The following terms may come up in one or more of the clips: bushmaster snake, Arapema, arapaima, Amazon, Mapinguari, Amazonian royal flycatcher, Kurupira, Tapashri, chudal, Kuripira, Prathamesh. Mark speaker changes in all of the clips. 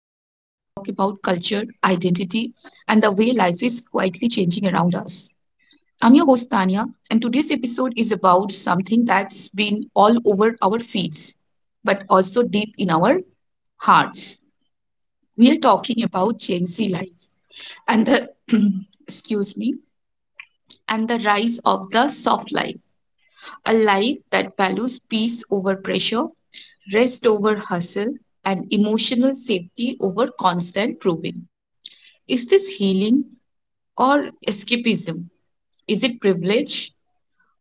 Speaker 1: and the way life is quietly changing around us. I'm your host Tania, and today's episode is about something that's been all over our feeds, but also deep in our hearts. We are talking about Gen Z life and the excuse me and the rise of the soft life. A life that values peace over pressure, rest over hustle, and emotional safety over constant proving. Is this healing or escapism? Is it privilege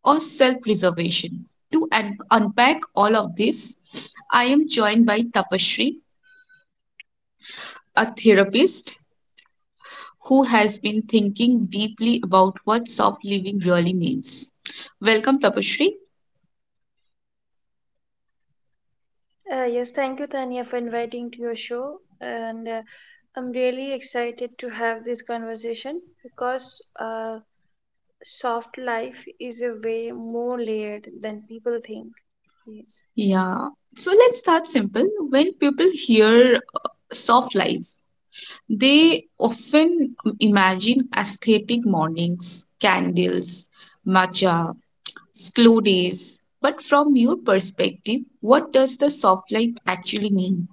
Speaker 1: or self preservation? To unpack all of this, I am joined by Tapashri, a therapist who has been thinking deeply about what soft living really means. Welcome, Tapashri.
Speaker 2: Yes, thank you, Tanya, for inviting to your show. And I'm really excited to have this conversation because soft life is a way more layered than people think. Yes.
Speaker 1: Yeah. So let's start simple. When people hear soft life. They often imagine aesthetic mornings, candles, matcha, slow days. But from your perspective, what does the soft life actually mean?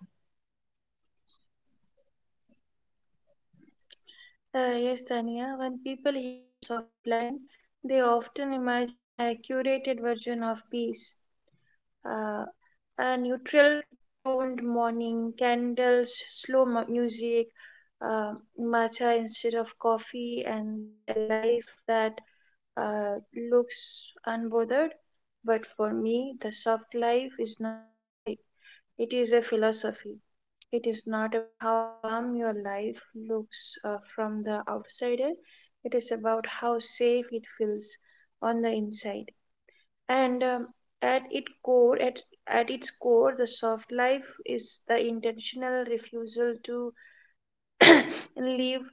Speaker 2: Yes, Tanya, when people hear soft line, they often imagine a curated version of peace. uh, a neutral toned morning, candles, slow music, uh, matcha instead of coffee, and a life that uh, looks unbothered. But for me, the soft life is not a aesthetic, it is a philosophy. It is not about how calm your life looks from the outsider, it is about how safe it feels on the inside, and at its core at, at its core, the soft life is the intentional refusal to live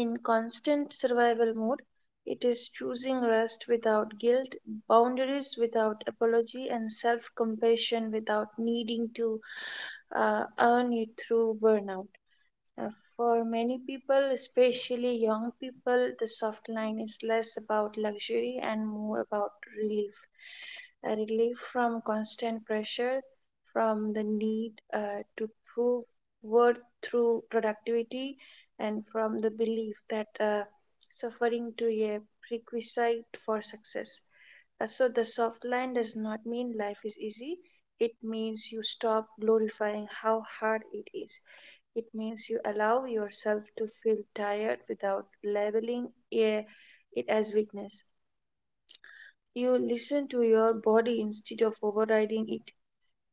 Speaker 2: in constant survival mode. It is choosing rest without guilt, boundaries without apology, and self compassion without needing to earn it through burnout. uh, For many people, especially young people, the soft line is less about luxury and more about relief. A relief from constant pressure, from the need to prove worth through productivity, and from the belief that suffering to a prerequisite for success. So, the soft line does not mean life is easy, it means you stop glorifying how hard it is. It means you allow yourself to feel tired without labeling it as weakness. You listen to your body instead of overriding it.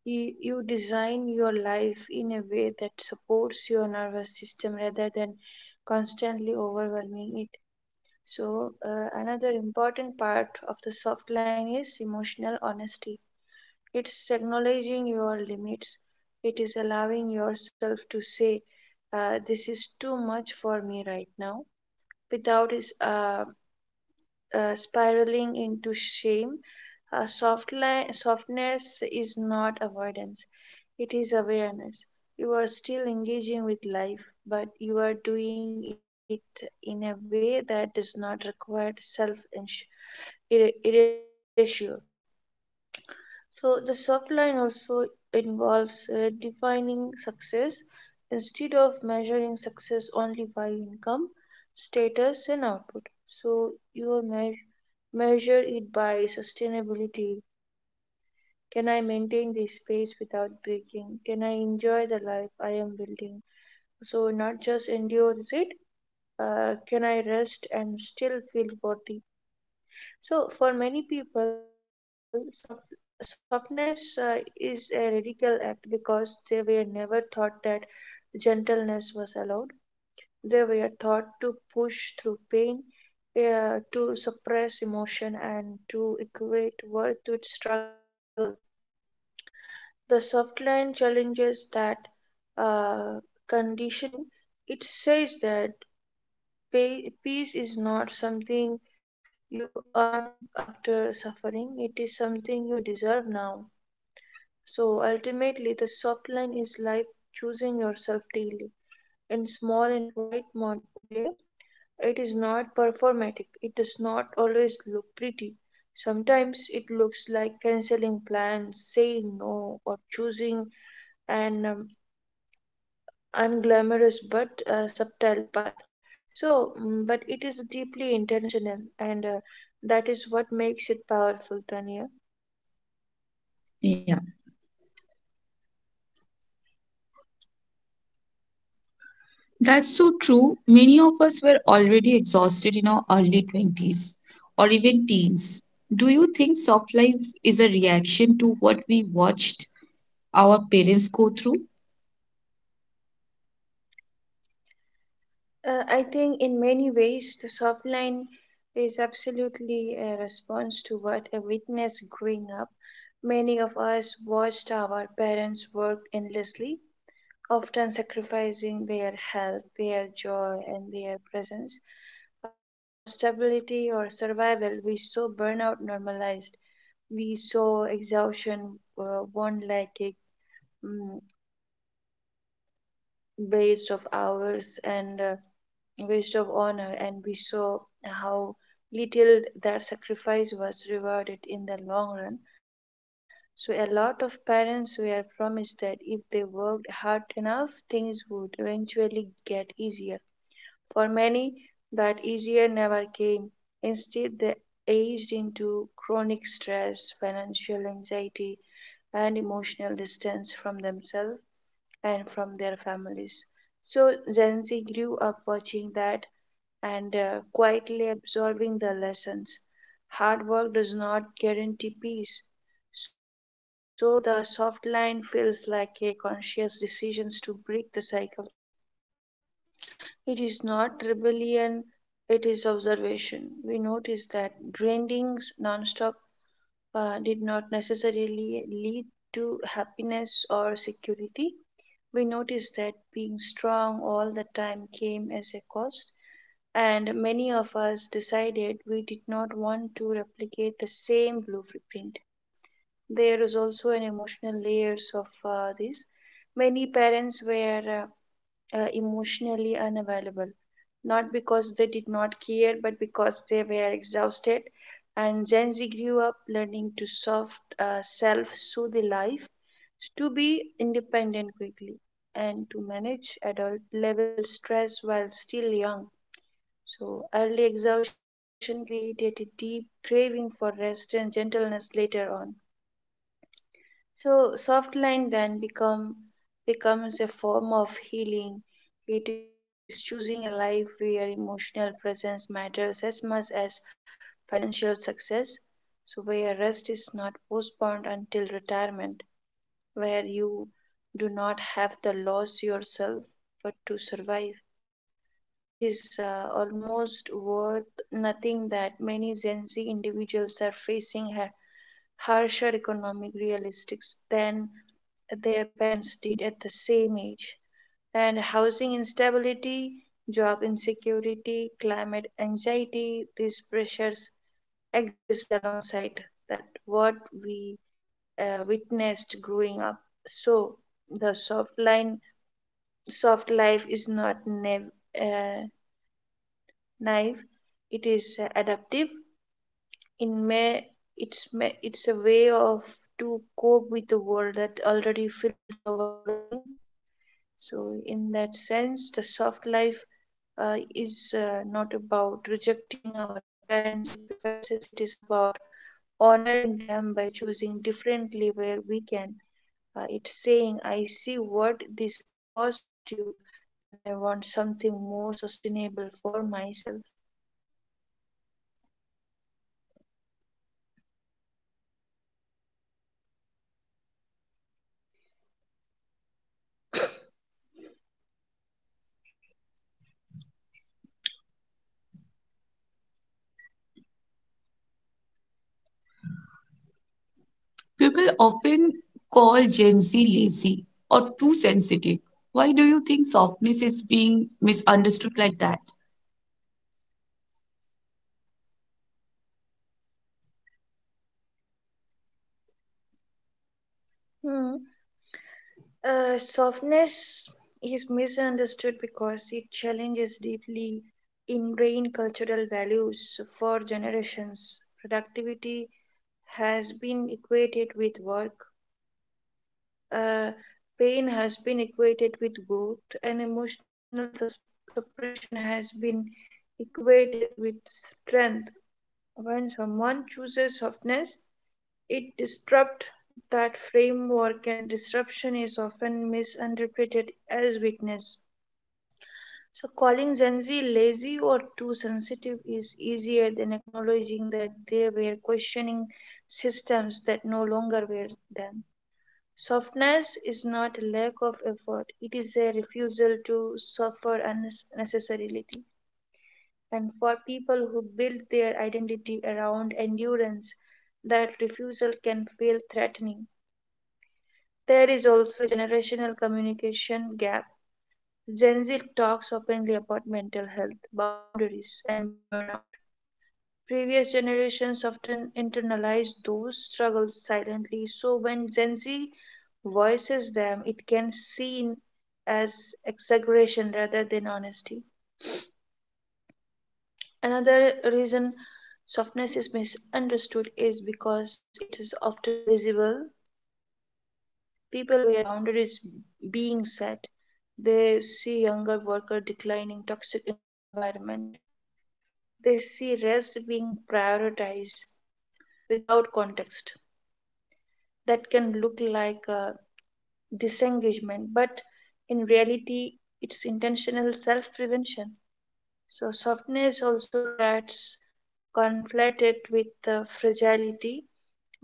Speaker 2: You design your life in a way that supports your nervous system rather than constantly overwhelming it. So, another important part of the soft line is emotional honesty. It's acknowledging your limits. It is allowing yourself to say, "This is too much for me right now," without spiraling into shame. Softness is not avoidance, it is awareness. You are still engaging with life, but you are doing it in a way that does not require self erasure. So the soft line also involves defining success instead of measuring success only by income, status, and output. So you measure it by sustainability. Can I maintain this space without breaking? Can I enjoy the life I am building? So not just endures it. Can I rest and still feel worthy? So, for many people, softness is a radical act because they were never taught that gentleness was allowed. They were taught to push through pain, to suppress emotion, and to equate worth with struggle. The soft line challenges that uh, conditioning. It says that peace is not something you earn after suffering, it is something you deserve now. So ultimately, the soft line is like choosing yourself daily in small and quiet way. It is not performative. It does not always look pretty. Sometimes it looks like canceling plans, saying no, or choosing an unglamorous but subtle path. So, but it is deeply intentional, and that is what makes it powerful, Tanya.
Speaker 1: Yeah, that's so true. Many of us were already exhausted in our early 20s or even teens. Do you think soft life is a reaction to what we watched our parents go through?
Speaker 2: I think in many ways the soft line is absolutely a response to what I witnessed growing up. Many of us watched our parents work endlessly, often sacrificing their health, their joy, and their presence for stability or survival. We saw burnout normalized. We saw exhaustion worn like a mm, waste of hours and waste of honor, and we saw how little that sacrifice was rewarded in the long run. So, a lot of parents were promised that if they worked hard enough, things would eventually get easier. For many, that easier never came. Instead, they aged into chronic stress, financial anxiety, and emotional distance from themselves and from their families. So Gen Z grew up watching that and quietly absorbing the lessons. Hard work does not guarantee peace. So the soft line feels like a conscious decision to break the cycle. It is not rebellion, it is observation. We notice that grindings nonstop did not necessarily lead to happiness or security. We noticed that being strong all the time came as a cost, and many of us decided we did not want to replicate the same blueprint. There is also an emotional layers of this. Many parents were emotionally unavailable, not because they did not care, but because they were exhausted. And Gen Z grew up learning to soft self soothe life, to be independent quickly, and to manage adult level stress while still young. So, early exhaustion created a deep craving for rest and gentleness later on. So soft line then becomes a form of healing. It is choosing a life where emotional presence matters as much as financial success. So where rest is not postponed until retirement, where you do not have to lose yourself but to survive. It is almost worth nothing that many Gen Z individuals are facing here harsher economic realistics than their parents did at the same age, and housing instability, job insecurity, climate anxiety, these pressures exist alongside that what we witnessed growing up. So the soft life is not uh, naive; it is adaptive. In Inme, it's me, it's a way of to cope with the world that already feels overwhelming. So, in that sense, the soft life is not about rejecting our parents' sacrifices. It is about honoring them by choosing differently where we can. It's saying, "I see what this cost you, and I want something more sustainable for myself."
Speaker 1: People often call Gen Z lazy or too sensitive. Why do you think softness is being misunderstood like that?
Speaker 2: Hmm. Softness is misunderstood because it challenges deeply ingrained cultural values for generations. Productivity has been equated with work, uh, pain has been equated with growth, and emotional suppression has been equated with strength. When someone chooses softness, it disrupts that framework, and disruption is often misinterpreted as weakness. So, calling Gen Z lazy or too sensitive is easier than acknowledging that they were questioning systems that no longer were them. Softness is not a lack of effort, it is a refusal to suffer unnecessarily. And for people who build their identity around endurance, that refusal can feel threatening. There is also a generational communication gap. Gen Z talks openly about mental health, boundaries, and burnout. Previous generations often internalized those struggles silently, so when Gen Z voices them, it can seen as exaggeration rather than honesty. Another reason softness is misunderstood is because it is often visible. People where boundaries being set. They see younger worker declining toxic environment. They see rest being prioritized without context. That can look like disengagement, but in reality, it's intentional self-prevention. So softness also gets conflated with fragility.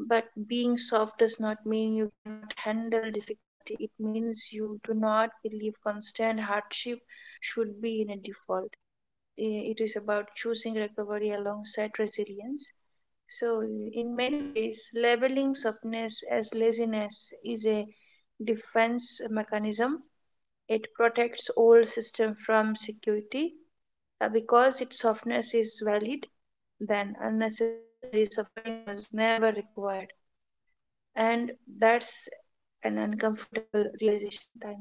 Speaker 2: But being soft does not mean you cannot handle difficulty. It means you do not believe constant hardship should be in a default. It is about choosing recovery alongside resilience. So, in many ways, labeling softness as laziness is a defense mechanism. It protects old system from security because its softness is valid. Then unnecessary suffering was never required, and that's an uncomfortable realization, Tani.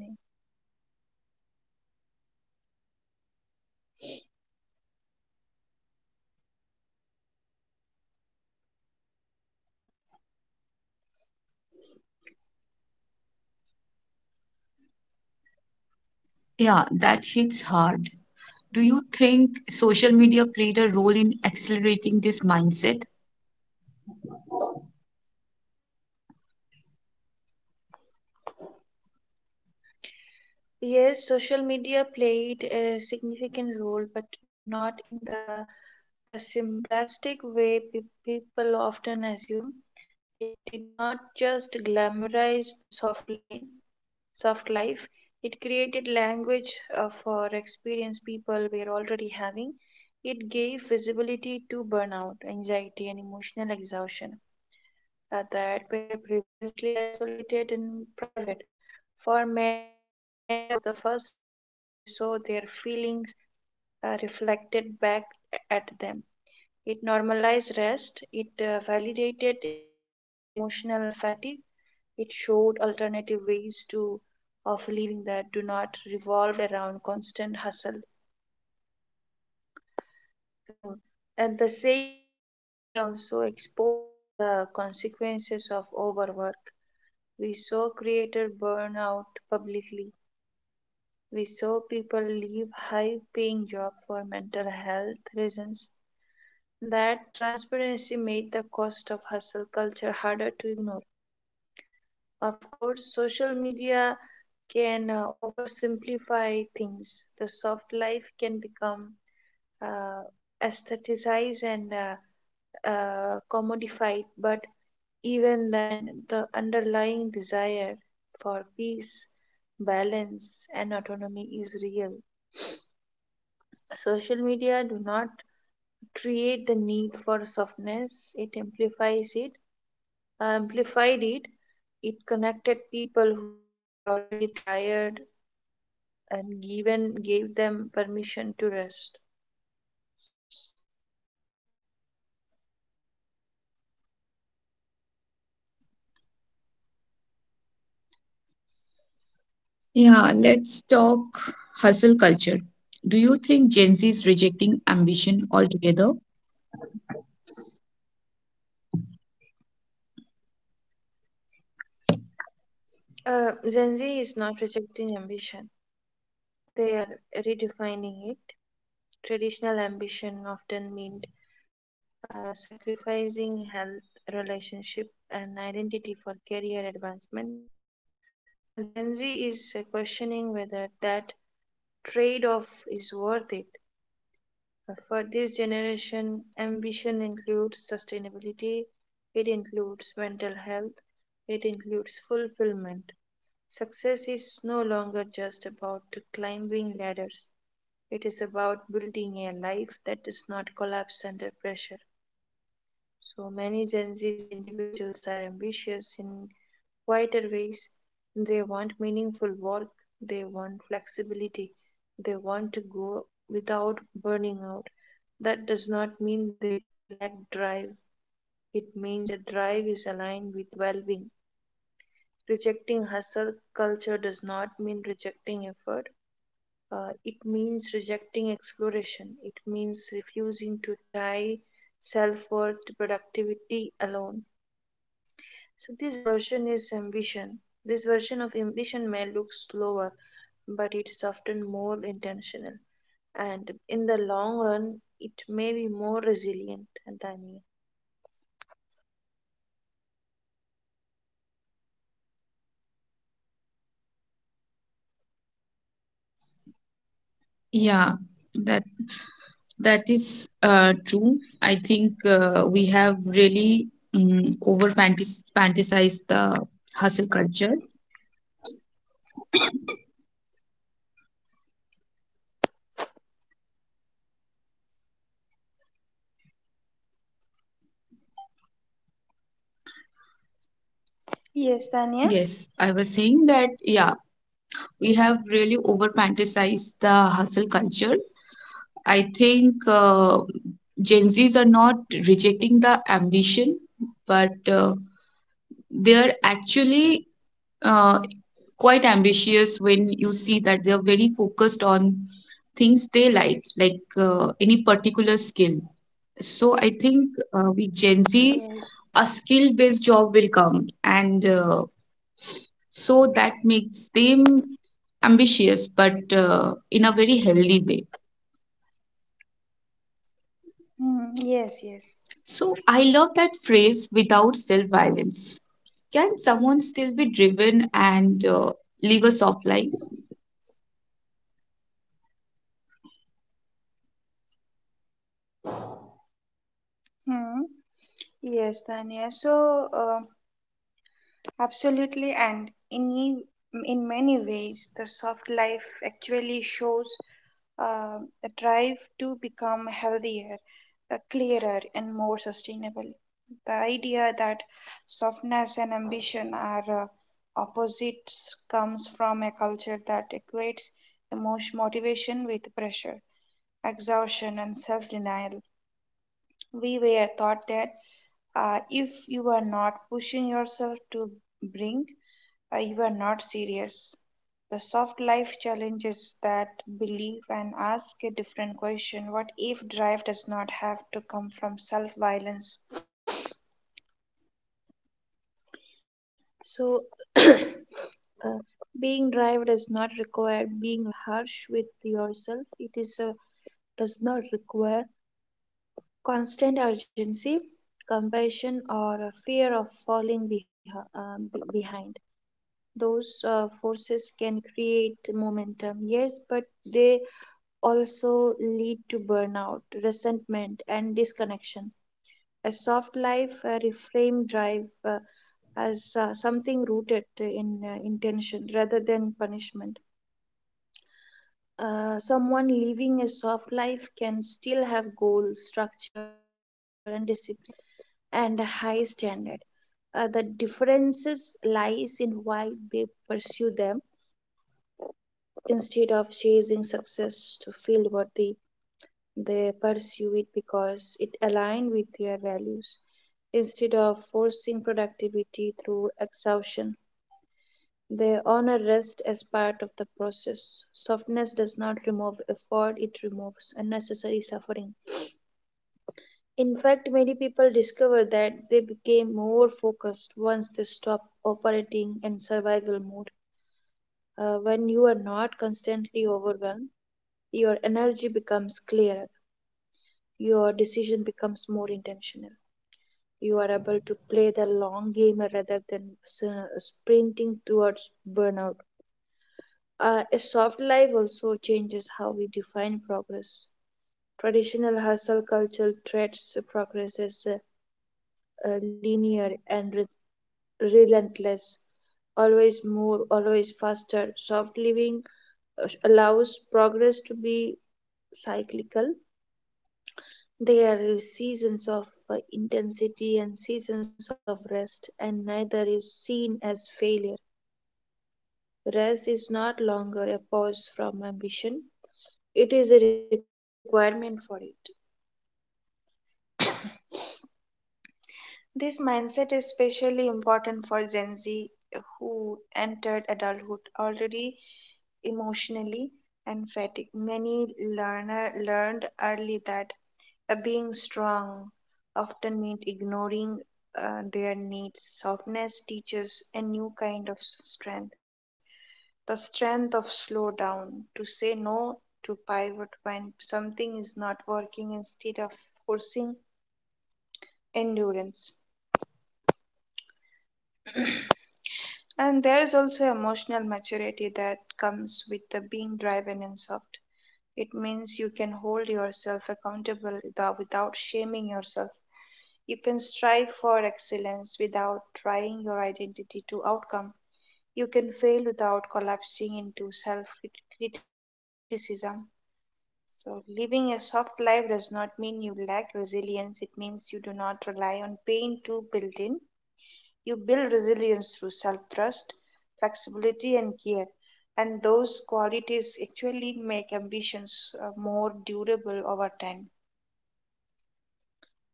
Speaker 1: Yeah, that hits hard. Do you think social media played a role in accelerating this mindset?
Speaker 2: Yes, social media played a significant role, but not in the simplistic way people often assume. It did not just glamorize the soft line, soft life. It created language for experience people were already having. It gave visibility to burnout, anxiety, and emotional exhaustion that were previously isolated and private. For many young people, social media was the first place they saw their feelings reflected back at them. It normalized rest, it validated emotional fatigue, it showed alternative ways to of living that do not revolve around constant hustle. So, at the same time, social media also exposed the consequences of overwork. We saw creator burn out publicly. We saw people leave high paying jobs for mental health reasons. That transparency made the cost of hustle culture harder to ignore. Of course, social media can oversimplify things. The soft life can become uh, aestheticized and commodified, but even then, the underlying desire for peace, balance, and autonomy is real. Social media do not create the need for softness; it amplified it. It connected people who were already tired and given gave them permission to rest.
Speaker 1: Yeah, let's talk hustle culture. Do you think Gen Z is rejecting ambition altogether?
Speaker 2: Gen Z is not rejecting ambition; they are redefining it. Traditional ambition often meant sacrificing health, relationship, and identity for career advancement. A Gen Z is questioning whether that trade off is worth it. For this generation, ambition includes sustainability, it includes mental health, it includes fulfillment. Success is no longer just about climbing ladders, it is about building a life that does not collapse under pressure. So many Gen Z's individuals are ambitious in quieter ways. They want meaningful work, they want flexibility, they want to go without burning out. That does not mean they lack drive, it means their drive is aligned with well being. Rejecting hustle culture does not mean rejecting effort. It means rejecting exploration. It means refusing to tie self worth to productivity alone. So this version is ambition. This version of ambition may look slower, but it's often more intentional. And in the long run, it may be more resilient than...
Speaker 1: Yeah, that is true. I think we have really over fantasized the hustle culture.
Speaker 2: Yes, Tanya.
Speaker 1: Yes, I was saying that, yeah, we have really over fantasized the hustle culture. I think Gen Zs are not rejecting the ambition, but they're actually uh, quite ambitious when you see that they're very focused on things they like any particular skill. So I think with Gen Z,
Speaker 2: Yes.
Speaker 1: a skill-based job will come, and so that makes them ambitious, but in a very healthy way.
Speaker 2: Hmm. Yes, yes.
Speaker 1: So I love that phrase without self-violence. Can someone still be driven and live a soft life?
Speaker 2: Hmm. Yes, Tanya. Absolutely, and in many ways, the soft life actually shows uh, a drive to become healthier, clearer, and more sustainable. The idea that softness and ambition are opposites comes from a culture that equates emotion motivation with pressure, exhaustion, and self-denial. We were taught that if you are not pushing yourself to brink, you are not serious. The soft life challenges that belief and ask a different question. What if drive does not have to come from self violence? So, uh, being drive does not require being harsh with yourself. It is does not require constant urgency, compassion, or a fear of falling behind. Those forces can create momentum, yes, but they also lead to burnout, resentment, and disconnection. A soft life reframe drive as something rooted in intention rather than punishment. Someone living a soft life can still have goals, structure, and discipline, and a high standard. The differences lies in why they pursue them instead of chasing success to feel worthy. They pursue it because it aligns with their values. Instead of forcing productivity through exhaustion, they honor rest as part of the process. Softness does not remove effort, it removes unnecessary suffering. In fact, many people discover that they became more focused once they stop operating in survival mode. When you are not constantly overwhelmed, your energy becomes clearer, your decision becomes more intentional. You are able to play the long game rather than sprinting towards burnout. A soft life also changes how we define progress. Traditional hustle culture treats progress as linear and relentless, always more, always faster. Soft living allows progress to be cyclical. There are seasons of intensity and seasons of rest, and neither is seen as failure. Rest is not longer a pause from ambition, it is a requirement for it. This mindset is especially important for Gen Z who entered adulthood already emotionally and fatigued. Many learner learned early that being strong often meant ignoring their needs. Softness teaches a new kind of strength, the strength of slow down, to say no, to pivot when something is not working instead of forcing endurance. And there is also emotional maturity that comes with the being driven and soft. It means you can hold yourself accountable without shaming yourself. You can strive for excellence without trying your identity to outcome. You can fail without collapsing into self criticism. So, living a soft life does not mean you lack resilience, it means you do not rely on pain to build in. You build resilience through self trust, flexibility, and care. And those qualities actually make ambitions more durable over time.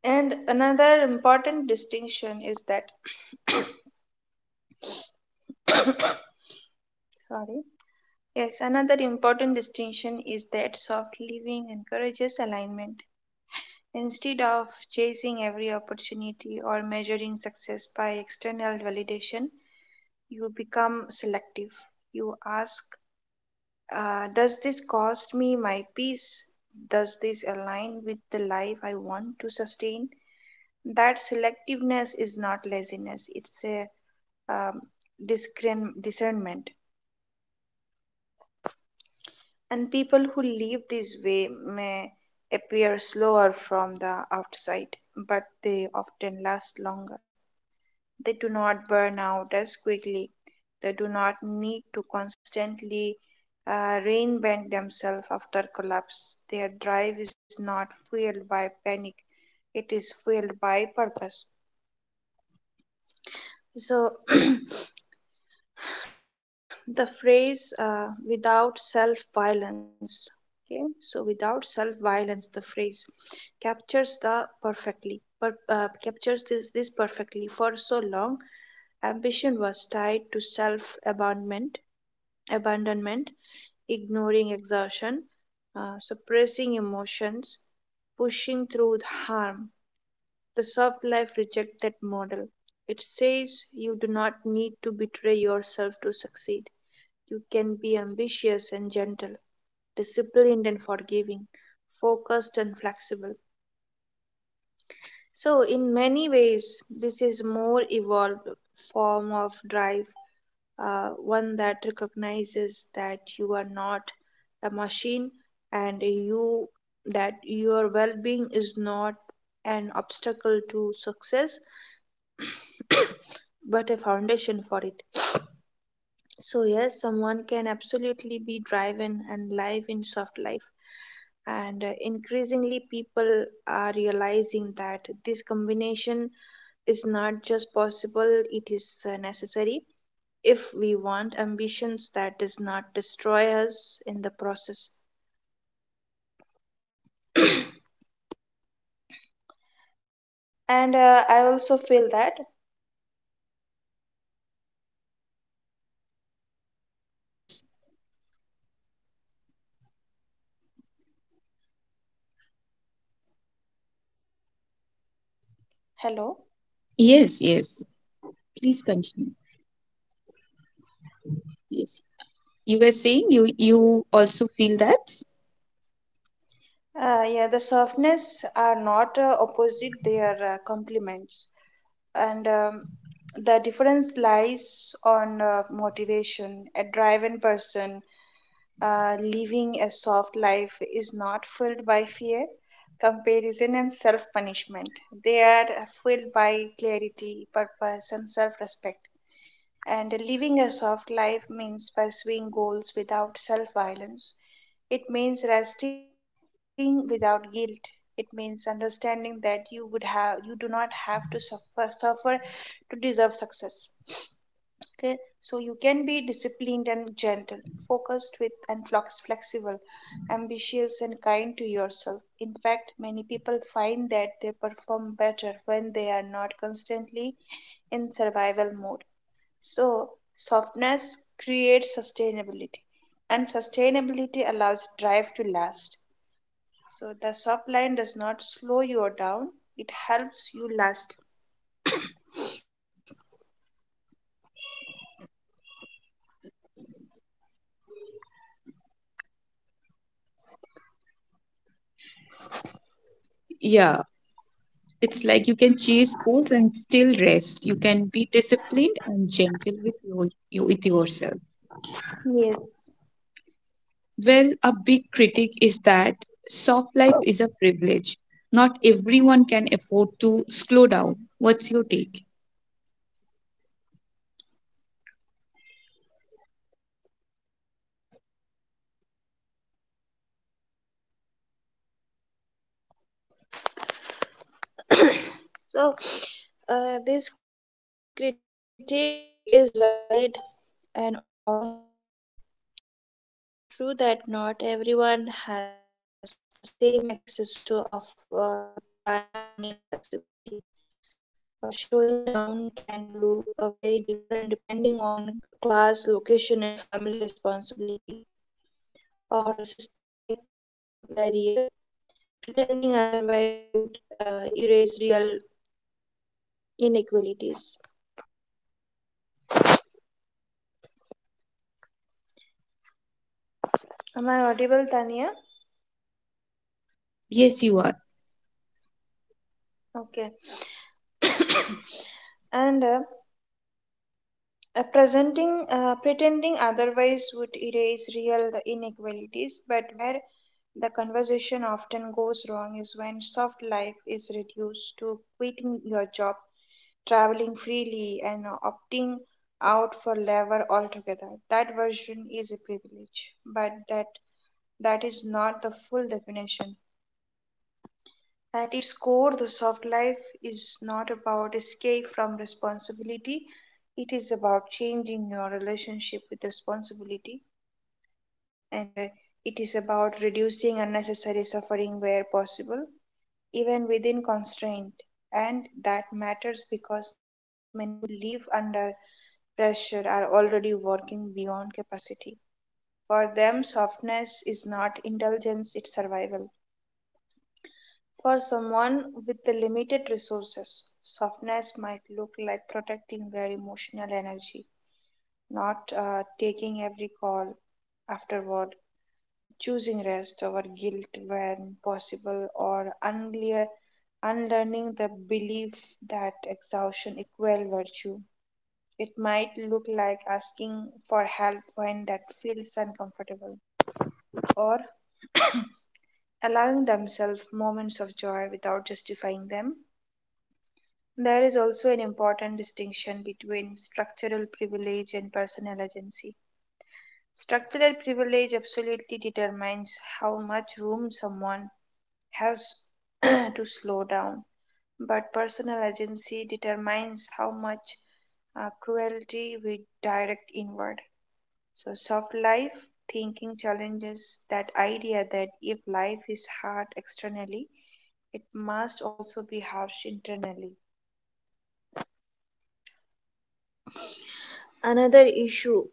Speaker 2: And another important distinction is that, sorry, yes, another important distinction is that soft living encourages alignment. Instead of chasing every opportunity or measuring success by external validation, you become selective. You ask, does this cost me my peace? Does this align with the life I want to sustain? That selectiveness is not laziness, it's a um, discernment. And people who live this way may appear slower from the outside, but they often last longer. They do not burn out as quickly. They do not need to constantly reinvent themselves after collapse. Their drive is not fueled by panic, it is fueled by purpose. So, the phrase without self violence, okay, so without self violence, the phrase captures this, this perfectly. For so long, ambition was tied to self abandonment abandonment, ignoring exhaustion, suppressing emotions, pushing through harm. The soft life rejects that model. It says you do not need to betray yourself to succeed. You can be ambitious and gentle, disciplined and forgiving, focused and flexible. So, in many ways, this is more evolved form of drive, one that recognizes that you are not a machine, and you that your well-being is not an obstacle to success but a foundation for it. So yes, someone can absolutely be driven and live in soft life, and increasingly people are realizing that this combination is not just possible, it is necessary, if we want ambitions that does not destroy us in the process. And I also feel that...
Speaker 1: Yes,
Speaker 2: hello.
Speaker 1: yes, yes. Please continue. Yes. You were saying you also feel that?
Speaker 2: Yeah, the softness are not opposite, they are complements. And the difference lies on motivation. A driven person living a soft life is not filled by fear, comparison, and self punishment. They are filled by clarity, purpose, and self respect. And living a soft life means pursuing goals without self violence, it means resting without guilt. It means understanding that you do not have to suffer to deserve success. Okay, so you can be disciplined and gentle, focused with and flexible, ambitious and kind to yourself. In fact, many people find that they perform better when they are not constantly in survival mode. So, softness creates sustainability, and sustainability allows drive to last. So the soft line does not slow you down, it helps you last.
Speaker 1: Yeah. It's like you can chase goals and still rest. You can be disciplined and gentle with your you with yourself.
Speaker 2: Yes.
Speaker 1: Well, a big critic is that soft life is a privilege. Not everyone can afford to slow down. What's your take?
Speaker 2: So this critique is valid and also incomplete. It is true that not everyone has the same access to time, money, and flexibility. A showing down can look very different depending on class, location, and family responsibility, or a systemic barrier. Pretending otherwise would erase real inequalities. Am I audible, Tania?
Speaker 1: Yes, you are.
Speaker 2: Okay. And pretending otherwise would erase real inequalities, but where the conversation often goes wrong is when soft life is reduced to quitting your job, traveling freely, and opting out for labor altogether. That version is a privilege, but that is not the full definition. At its core, the soft life is not about escape from responsibility, it is about changing your relationship with responsibility, and it is about reducing unnecessary suffering where possible, even within constraint. And that matters because many people who live under pressure are already working beyond capacity. For them, softness is not indulgence, it's survival. For someone with the limited resources, softness might look like protecting their emotional energy, not taking every call afterward, choosing rest over guilt when possible, or unlearning the belief that exhaustion equals virtue. It might look like asking for help when that feels uncomfortable, or allowing themselves moments of joy without justifying them. There is also an important distinction between structural privilege and personal agency. Structural privilege absolutely determines how much room someone has to slow down, but personal agency determines how much cruelty we direct inward. So, soft life thinking challenges that idea that if life is hard externally, it must also be harsh internally. Another issue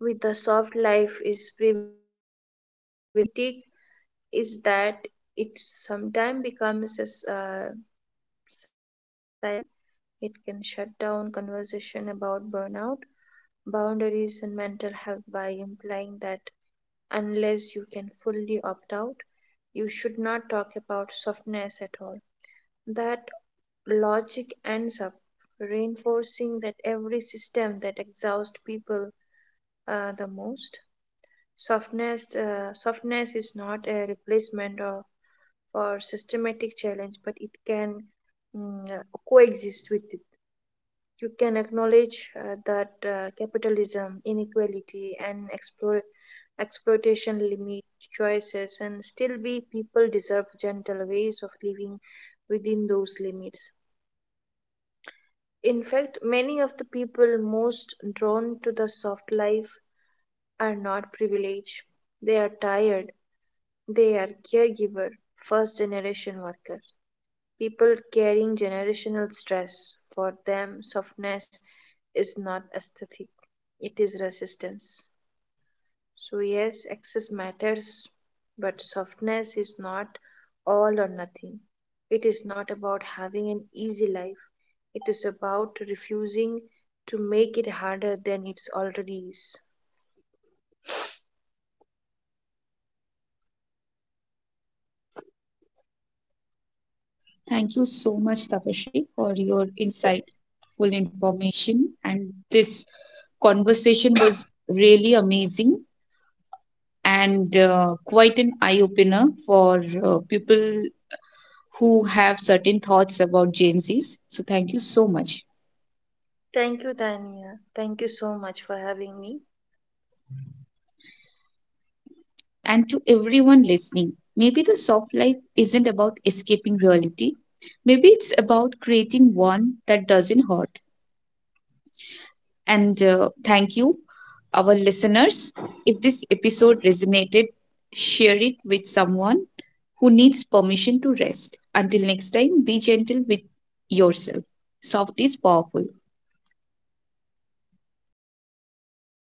Speaker 2: with the soft life is privilege. Critique is that it sometimes becomes a silencing tool. It can shut down conversation about burnout, boundaries, and mental health by implying that unless you can fully opt out, you should not talk about softness at all. That logic ends up reinforcing that every system that exhausts people the most. Softness is not a replacement or, for systematic challenge, but it can coexist with it. You can acknowledge that capitalism, inequality, and exploitation limit choices, and still be people deserve gentle ways of living within those limits. In fact, many of the people most drawn to the soft life are not privileged. They are tired. They are caregiver, first generation workers, people carrying generational stress. For them, softness is not aesthetic, it is resistance. So, yes, access matters, but softness is not all or nothing. It is not about having an easy life, it is about refusing to make it harder than it already is.
Speaker 1: Thank you so much, Tapashi, for your insightful information. And this conversation was really amazing and quite an eye opener for people who have certain thoughts about Gen Zs. So thank you so much.
Speaker 2: Thank you, Tania. Thank you so much for having me.
Speaker 1: And to everyone listening, maybe the soft life isn't about escaping reality. Maybe it's about creating one that doesn't hurt. And thank you, our listeners. If this episode resonated, share it with someone who needs permission to rest. Until next time, be gentle with yourself. Soft is powerful.